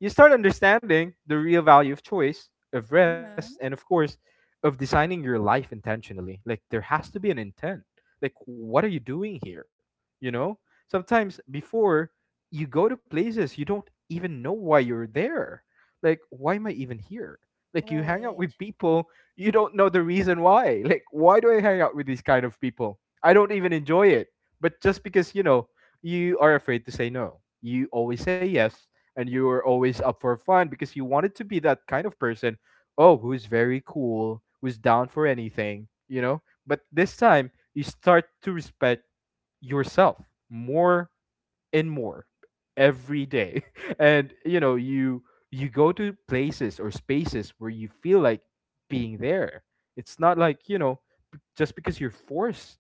C: you start understanding the real value of choice, of rest, and of
A: Mhm.
C: course, of designing your life intentionally. Like, there has to be an intent. Like, what are you doing here? You know? Sometimes before you go to places, you don't even know why you're there. Like, why am I even here? Like, you hang out
A: Right,
C: with people, you don't know the reason why. Like, why do I hang out with these kind of people? I don't even enjoy it. But just because, you know, you are afraid to say no, you always say yes, and you are always up for fun because you wanted to be that kind of person, oh, who's very cool, who's down for anything, you know? But this time, you start to respect yourself more and more every day. And you know you go to places or spaces where you feel like being there. It's not like, you know, just because you're forced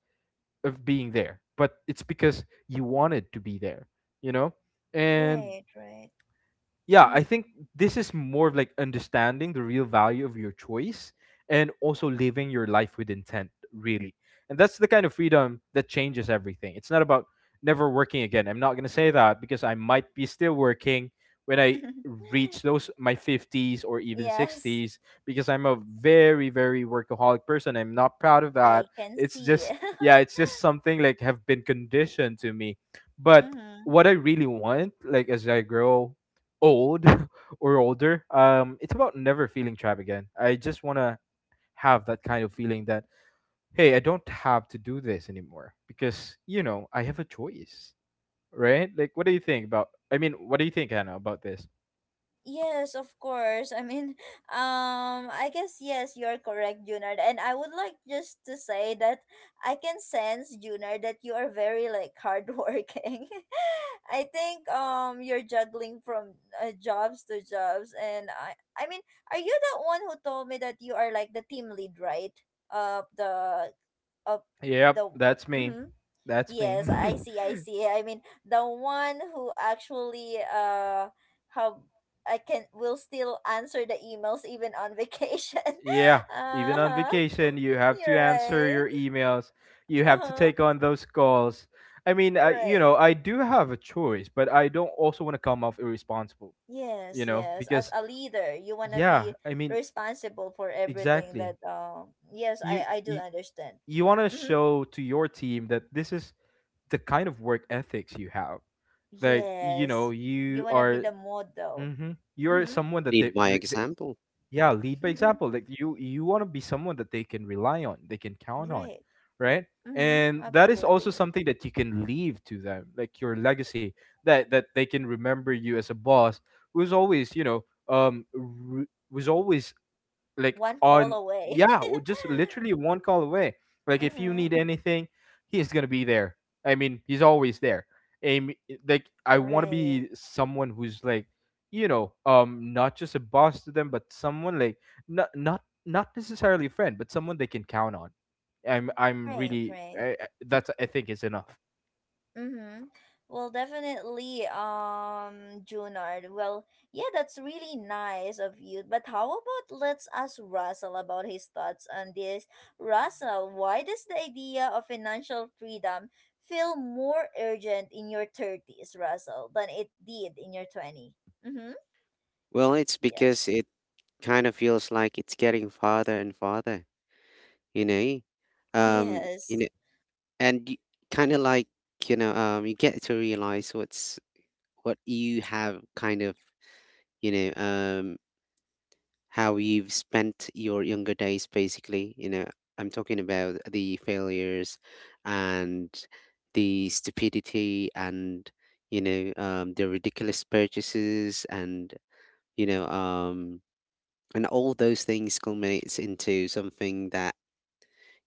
C: of being there, but it's because you wanted to be there, you know. And
A: right, right.
C: yeah,
A: Mm-hmm.
C: I think this is more of like understanding the real value of your choice and also living your life with intent, really. And that's the kind of freedom that changes everything. It's not about never working again. I'm not going to say that because I might be still working when I reach those my 50s or even
A: Yes,
C: 60s, because I'm a very very workaholic person. I'm not proud of
A: I
C: that.
A: can
C: It's
A: see.
C: just, yeah, it's just something like have been conditioned to me. But
A: Mm-hmm.
C: what I really want, like as I grow old or older, it's about never feeling trapped again. I just want to have that kind of feeling that, hey, I don't have to do this anymore because, you know, I have a choice, right? Like, what do you think about? What do you think, Hannah, about this?
A: Yes, of course. I mean, I guess yes, you're correct, Junard. And I would like just to say that I can sense, Junard, that you are very like hardworking. I think you're juggling from jobs to jobs, and I mean, are you the one who told me that you are like the team lead, right? Of the of
C: Yep,
A: the
C: that's me.
A: mm-hmm.
C: That's me.
A: Yes, I see. I mean, the one who actually have I can will still answer the emails even on vacation.
C: Yeah, even on
A: Uh-huh.
C: vacation, you have to
A: You're
C: answer
A: right.
C: your emails, you have to
A: Uh-huh.
C: take on those calls. I mean, I, you
A: Right.
C: know, I do have a choice, but I don't also want to come off irresponsible, you
A: Yes,
C: know,
A: yes, as
C: because
A: a leader, you want to
C: Yeah,
A: be
C: I mean,
A: responsible for everything
C: exactly.
A: that yes,
C: You
A: I do
C: you,
A: understand.
C: you want to
A: Mm-hmm.
C: show to your team that this is the kind of work ethics you have. Like, you know,
A: Yes, you
C: you
A: want to be
C: are
A: the model.
C: mhm, you're
A: Mm-hmm.
C: someone that they,
B: Lead by example.
C: yeah, lead by example. Like you want to be someone that they can rely on, they can count on,
A: Right.
C: right?
A: Mm-hmm,
C: And that is also
A: absolutely.
C: something that you can leave to them, like your legacy that they can remember you as a boss who's always, you know, um re- was always like
A: One call
C: on,
A: away.
C: yeah, just literally one call away, like if you
A: Mm-hmm.
C: need anything, he's gonna be there. I mean, he's always there. And like I want to be
A: Right.
C: someone who's like, you know, not just a boss to them but someone like, not necessarily a friend but someone they can count on. I'm
A: Right,
C: really
A: right.
C: I, that's I think is enough.
A: Mm-hmm. Well, definitely, Junard. Well, yeah, that's really nice of you. But how about let's ask Russell about his thoughts on this. Russell, why does the idea of financial freedom feel more urgent in your 30s, Russell, than it did in your 20? Mm-hmm.
B: Well, it's because
A: Yes.
B: it kind of feels like it's getting farther and farther, you know? Um, you know,
A: Yes.
B: and you, kind of like, you know, you get to realize what's what you have, kind of, you know um how you've spent your younger days, basically. You know, I'm talking about the failures, and the stupidity, and the ridiculous purchases. And you know um and all those things culminates into something that,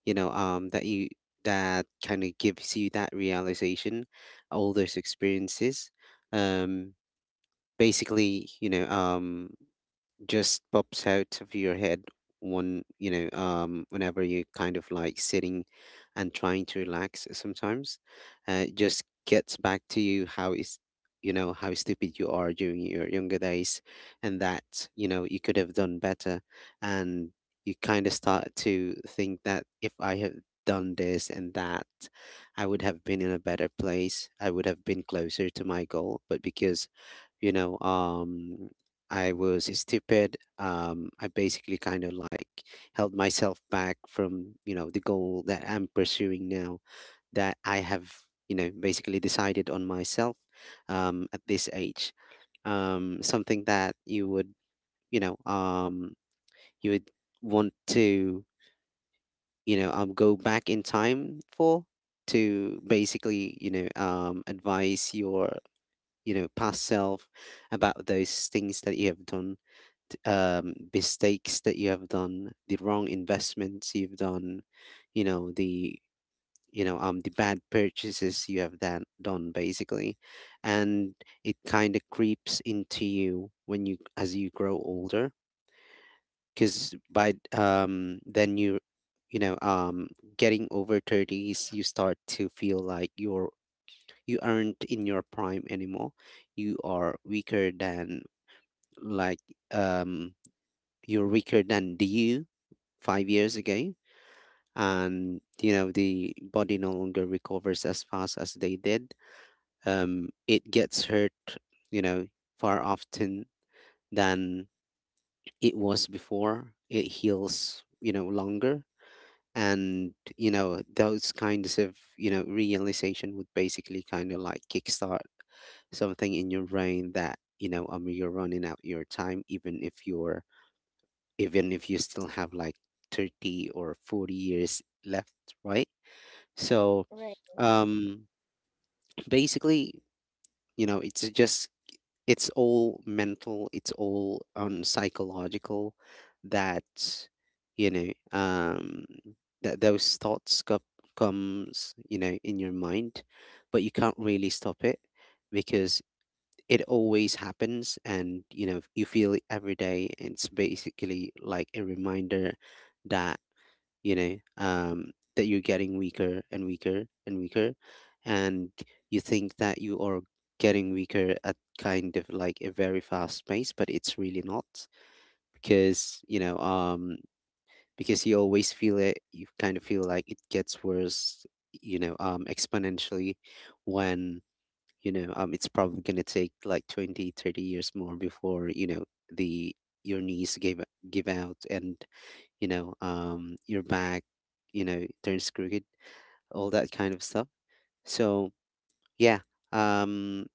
B: that you, that kind of gives you that realization. All those experiences um basically, just pops out of your head when, whenever you kind of like sitting and trying to relax sometimes. It just gets back to you how is, you know, how stupid you are during your younger days, and that, you know, you could have done better. And you kind of start to think that if I have done this and that, I would have been in a better place, I would have been closer to my goal. But because, you know um I was stupid. I basically kind of like held myself back from, you know, the goal that I'm pursuing now, that I have, you know, basically decided on myself at this age. Something that you would, you know, you would want to, you know, go back in time for, to basically, you know, advise your, you know, past self about those things that you have done, mistakes that you have done, the wrong investments you've done, you know, the, the bad purchases you have done basically. And it kind of creeps into you when you, as you grow older, because by then you know getting over thirties, you start to feel like you're you aren't in your prime anymore. You are weaker than, like um you're weaker than the you 5 years ago. And you know, the body no longer recovers as fast as they did. It gets hurt, you know, far often than it was before. It heals, you know, longer. And you know, those kinds of, you know, realization would basically kind of like kickstart something in your brain that, you're running out your time, even if you're, even if you still have like 30 or 40 years left, right? So um, basically, you know, it's just, it's all mental, it's all on psychological, that, you know um, that those thoughts comes, you know, in your mind. But you can't really stop it because it always happens, and you know, you feel it every day. It's basically like a reminder that, that you're getting weaker and weaker and weaker. And you think that you are getting weaker at, kind of like, a very fast pace, but it's really not, because, because you always feel it, you kind of feel like it gets worse, exponentially, when, it's probably going to take like 20, 30 years more before, you know, the your knees give out, and you know, your back, you know, turns crooked, all that kind of stuff. So yeah, um,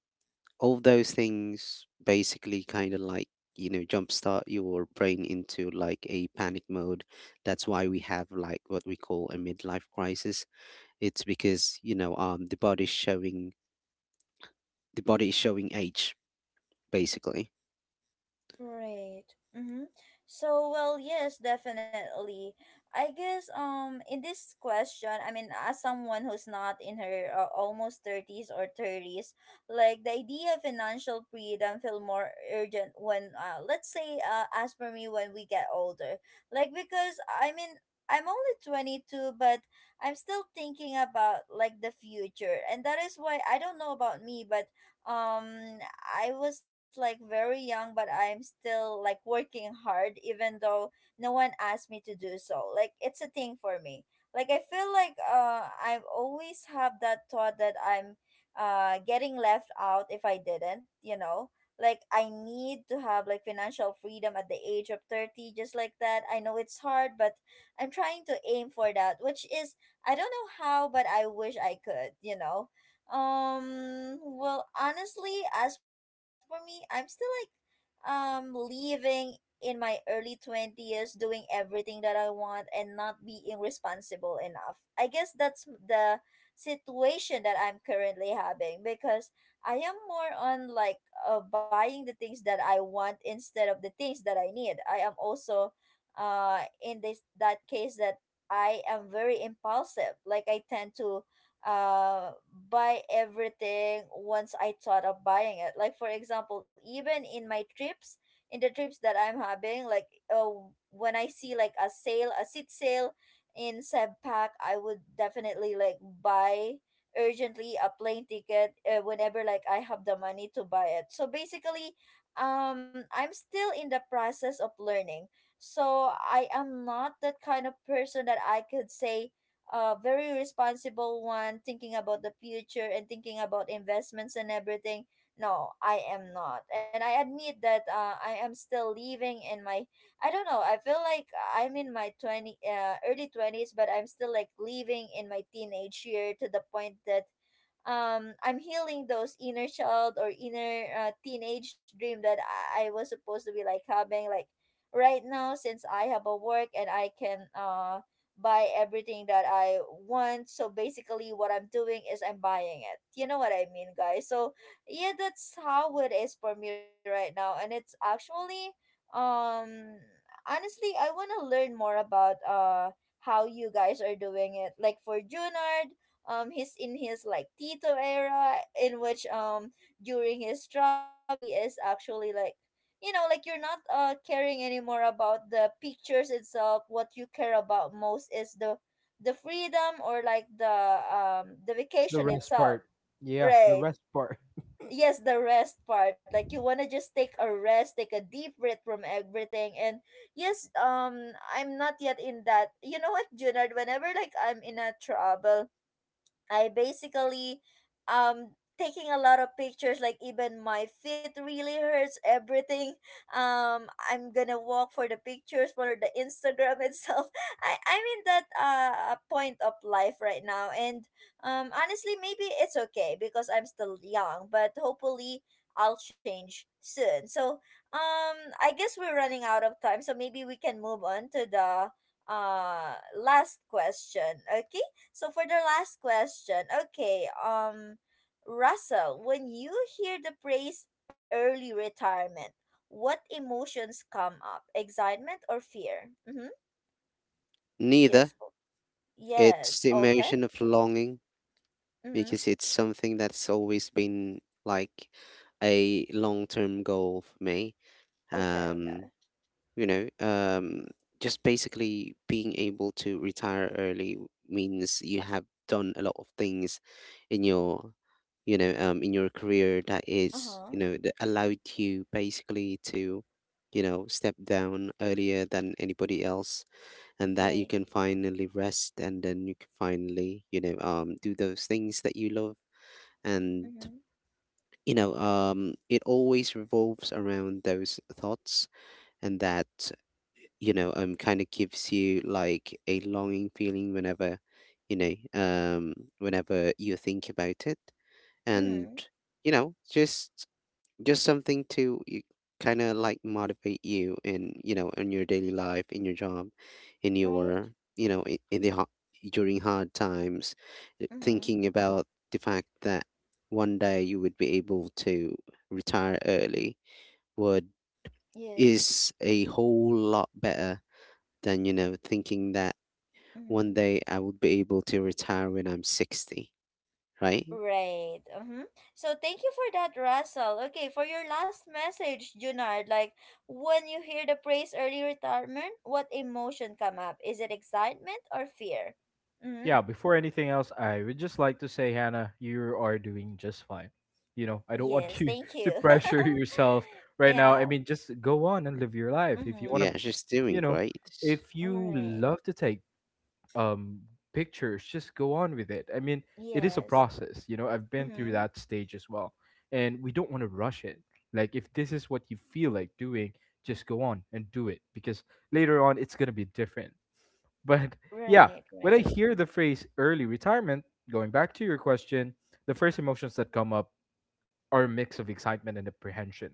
B: all those things basically kind of like, you know, jumpstart your brain into like a panic mode. That's why we have like what we call a midlife crisis. It's because, the body's showing, the body is showing age basically.
A: Right. Mm-hmm. So, well, yes, definitely. I guess in this question, I mean, as someone who's not in her almost 30s or 30s, like the idea of financial freedom feel more urgent when let's say as for me, when we get older. Like because I mean, I'm only 22, but I'm still thinking about like the future. And that is why, I don't know about me, but um I was like very young, but I'm still like working hard, even though no one asked me to do so. Like it's a thing for me. Like I feel like I've always have that thought that I'm getting left out if I didn't, you know. Like I need to have like financial freedom at the age of 30, just like that. I know it's hard, but I'm trying to aim for that, which is, I don't know how, but I wish I could, you know. Well, honestly, as for me, I'm still like living in my early 20s, doing everything that I want and not being responsible enough. I guess that's the situation that I'm currently having, because I am more on like buying the things that I want instead of the things that I need. I am also in this that case that I am very impulsive. Like I tend to uh buy everything once I thought of buying it. Like for example, even in my trips, in the trips that I'm having, like uh, when I see like a sale, a seat sale in Pack, I would definitely like buy urgently a plane ticket whenever like I have the money to buy it. So basically, I'm still in the process of learning. So I am not that kind of person that I could say a very responsible one, thinking about the future and thinking about investments and everything. No, I am not. And I admit that I am still living in my I don't know. I feel like I'm in my 20 early 20s, but I'm still like living in my teenage year to the point that I'm healing those inner child or inner teenage dream that I was supposed to be like having like right now since I have a work and I can buy everything that I want. So basically what I'm doing is I'm buying it you know what I mean guys. So yeah, that's how it is for me right now. And it's actually um honestly, I want to learn more about how you guys are doing it. Like for Junard, he's in his like Tito era, in which during his trouble he is actually like, you know, like you're not caring anymore about the pictures itself. What you care about most is the freedom, or like the
C: The
A: vacation
C: rest
A: itself.
C: part. Yeah, the
A: Right,
C: rest part.
A: yes, the rest part. Like you want to just take a rest, take a deep breath from everything. And yes, I'm not yet in that. You know what, Junard, whenever like I'm in a trouble, I basically, um taking a lot of pictures, like even my feet really hurts, everything. I'm gonna walk for the pictures for the Instagram itself. I'm in that point of life right now. And honestly, maybe it's okay because I'm still young, but hopefully I'll change soon. So um I guess we're running out of time, so maybe we can move on to the last question. Okay, so for the last question, okay, Russell, when you hear the phrase early retirement, what emotions come up? Excitement or fear? Mm-hmm.
B: Neither.
A: Yes.
B: It's
A: Yes.
B: the
A: Okay.
B: emotion of longing,
A: Mm-hmm.
B: because it's something that's always been like a long-term goal for me.
A: Okay.
B: Um,
A: Okay.
B: you know, just basically being able to retire early means you have done a lot of things in your, you know, in your career that is,
A: Uh-huh.
B: you know, that allowed you basically to, you know, step down earlier than anybody else, and that you
A: Right.
B: can finally rest, and then you can finally, you know, do those things that you love. And
A: Mm-hmm.
B: it always revolves around those thoughts. And that, kind of gives you like a longing feeling whenever, whenever you think about it. And
A: Mm-hmm.
B: you know, just something to kind of like motivate you in, you know, in your daily life, in your job, in
A: Right.
B: your, you know, in the hot, during hard times.
A: Mm-hmm.
B: Thinking about the fact that one day you would be able to retire early would,
A: Yes.
B: is a whole lot better than, you know, thinking that one
A: Mm-hmm.
B: day I would be able to retire when I'm 60, right?
A: Right. Mm-hmm. So thank you for that, Russell. Okay, for your last message, Junard, like when you hear the praise early retirement, what emotion come up? Is it excitement or fear? Mm-hmm.
C: Yeah, before anything else, I would just like to say, Hannah, you are doing just fine. You know, I don't want
A: Yes,
C: you
A: thank
C: to
A: you.
C: pressure yourself right now. I
A: Yeah.
C: mean, just go on and live your life. If you want
A: Mm-hmm.
C: to,
B: Yeah, just doing
C: you know,
B: great.
C: if you
A: Right.
C: love to take um pictures, just go on with it. I mean, it is a
A: Yes.
C: process, you know. I've been through
A: Mm-hmm.
C: that stage as well. And we don't want to rush it. Like if this is what you feel like doing, just go on and do it because later on it's going to be different. But yeah,
A: Right,
C: when I
A: right.
C: hear the phrase early retirement, going back to your question, the first emotions that come up are a mix of excitement and apprehension.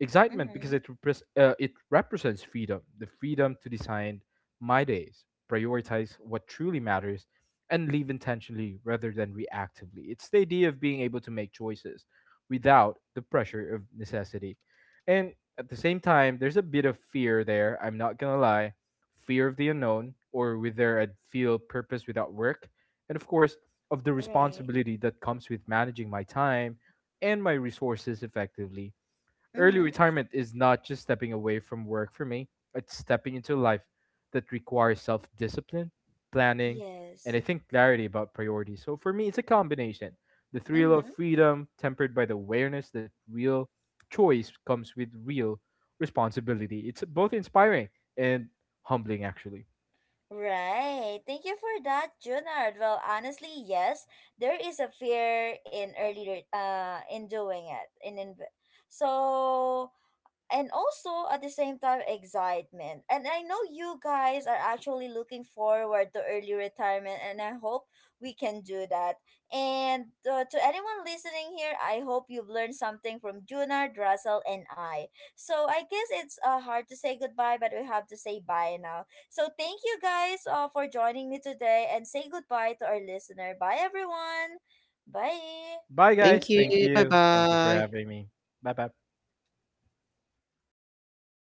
C: Excitement because
A: Mm-hmm.
C: it repres it represents freedom, the freedom to design my days, prioritize what truly matters, and live intentionally rather than reactively. It's the idea of being able to make choices without the pressure of necessity. And at the same time, there's a bit of fear there, I'm not gonna lie. Fear of the unknown, or whether I'd feel purpose without work, and of course, of the
A: Right.
C: responsibility that comes with managing my time and my resources effectively. Early
A: Mm-hmm.
C: retirement is not just stepping away from work for me, it's stepping into a life that requires self discipline, planning, and
A: Yes.
C: I think clarity about priorities. So for me, it's a combination, the thrill of
A: Mm-hmm.
C: freedom tempered by the awareness that real choice comes with real responsibility. It's both inspiring and humbling, actually.
A: Right. Thank you for that, Junard. Well, honestly, yes, there is a fear in early in doing it, in so, and also at the same time excitement. And I know you guys are actually looking forward to early retirement, and I hope we can do that. And to anyone listening here, I hope you've learned something from Junard, Russell, and I. So I guess it's hard to say goodbye, but we have to say bye now. So thank you guys for joining me today, and say goodbye to our listener. Bye everyone. Bye.
C: Bye,
A: Thank
B: Thank
C: guys.
B: you.
C: Thank
A: you.
B: Bye
C: you. Thank you for
B: bye.
C: having me. Bye bye.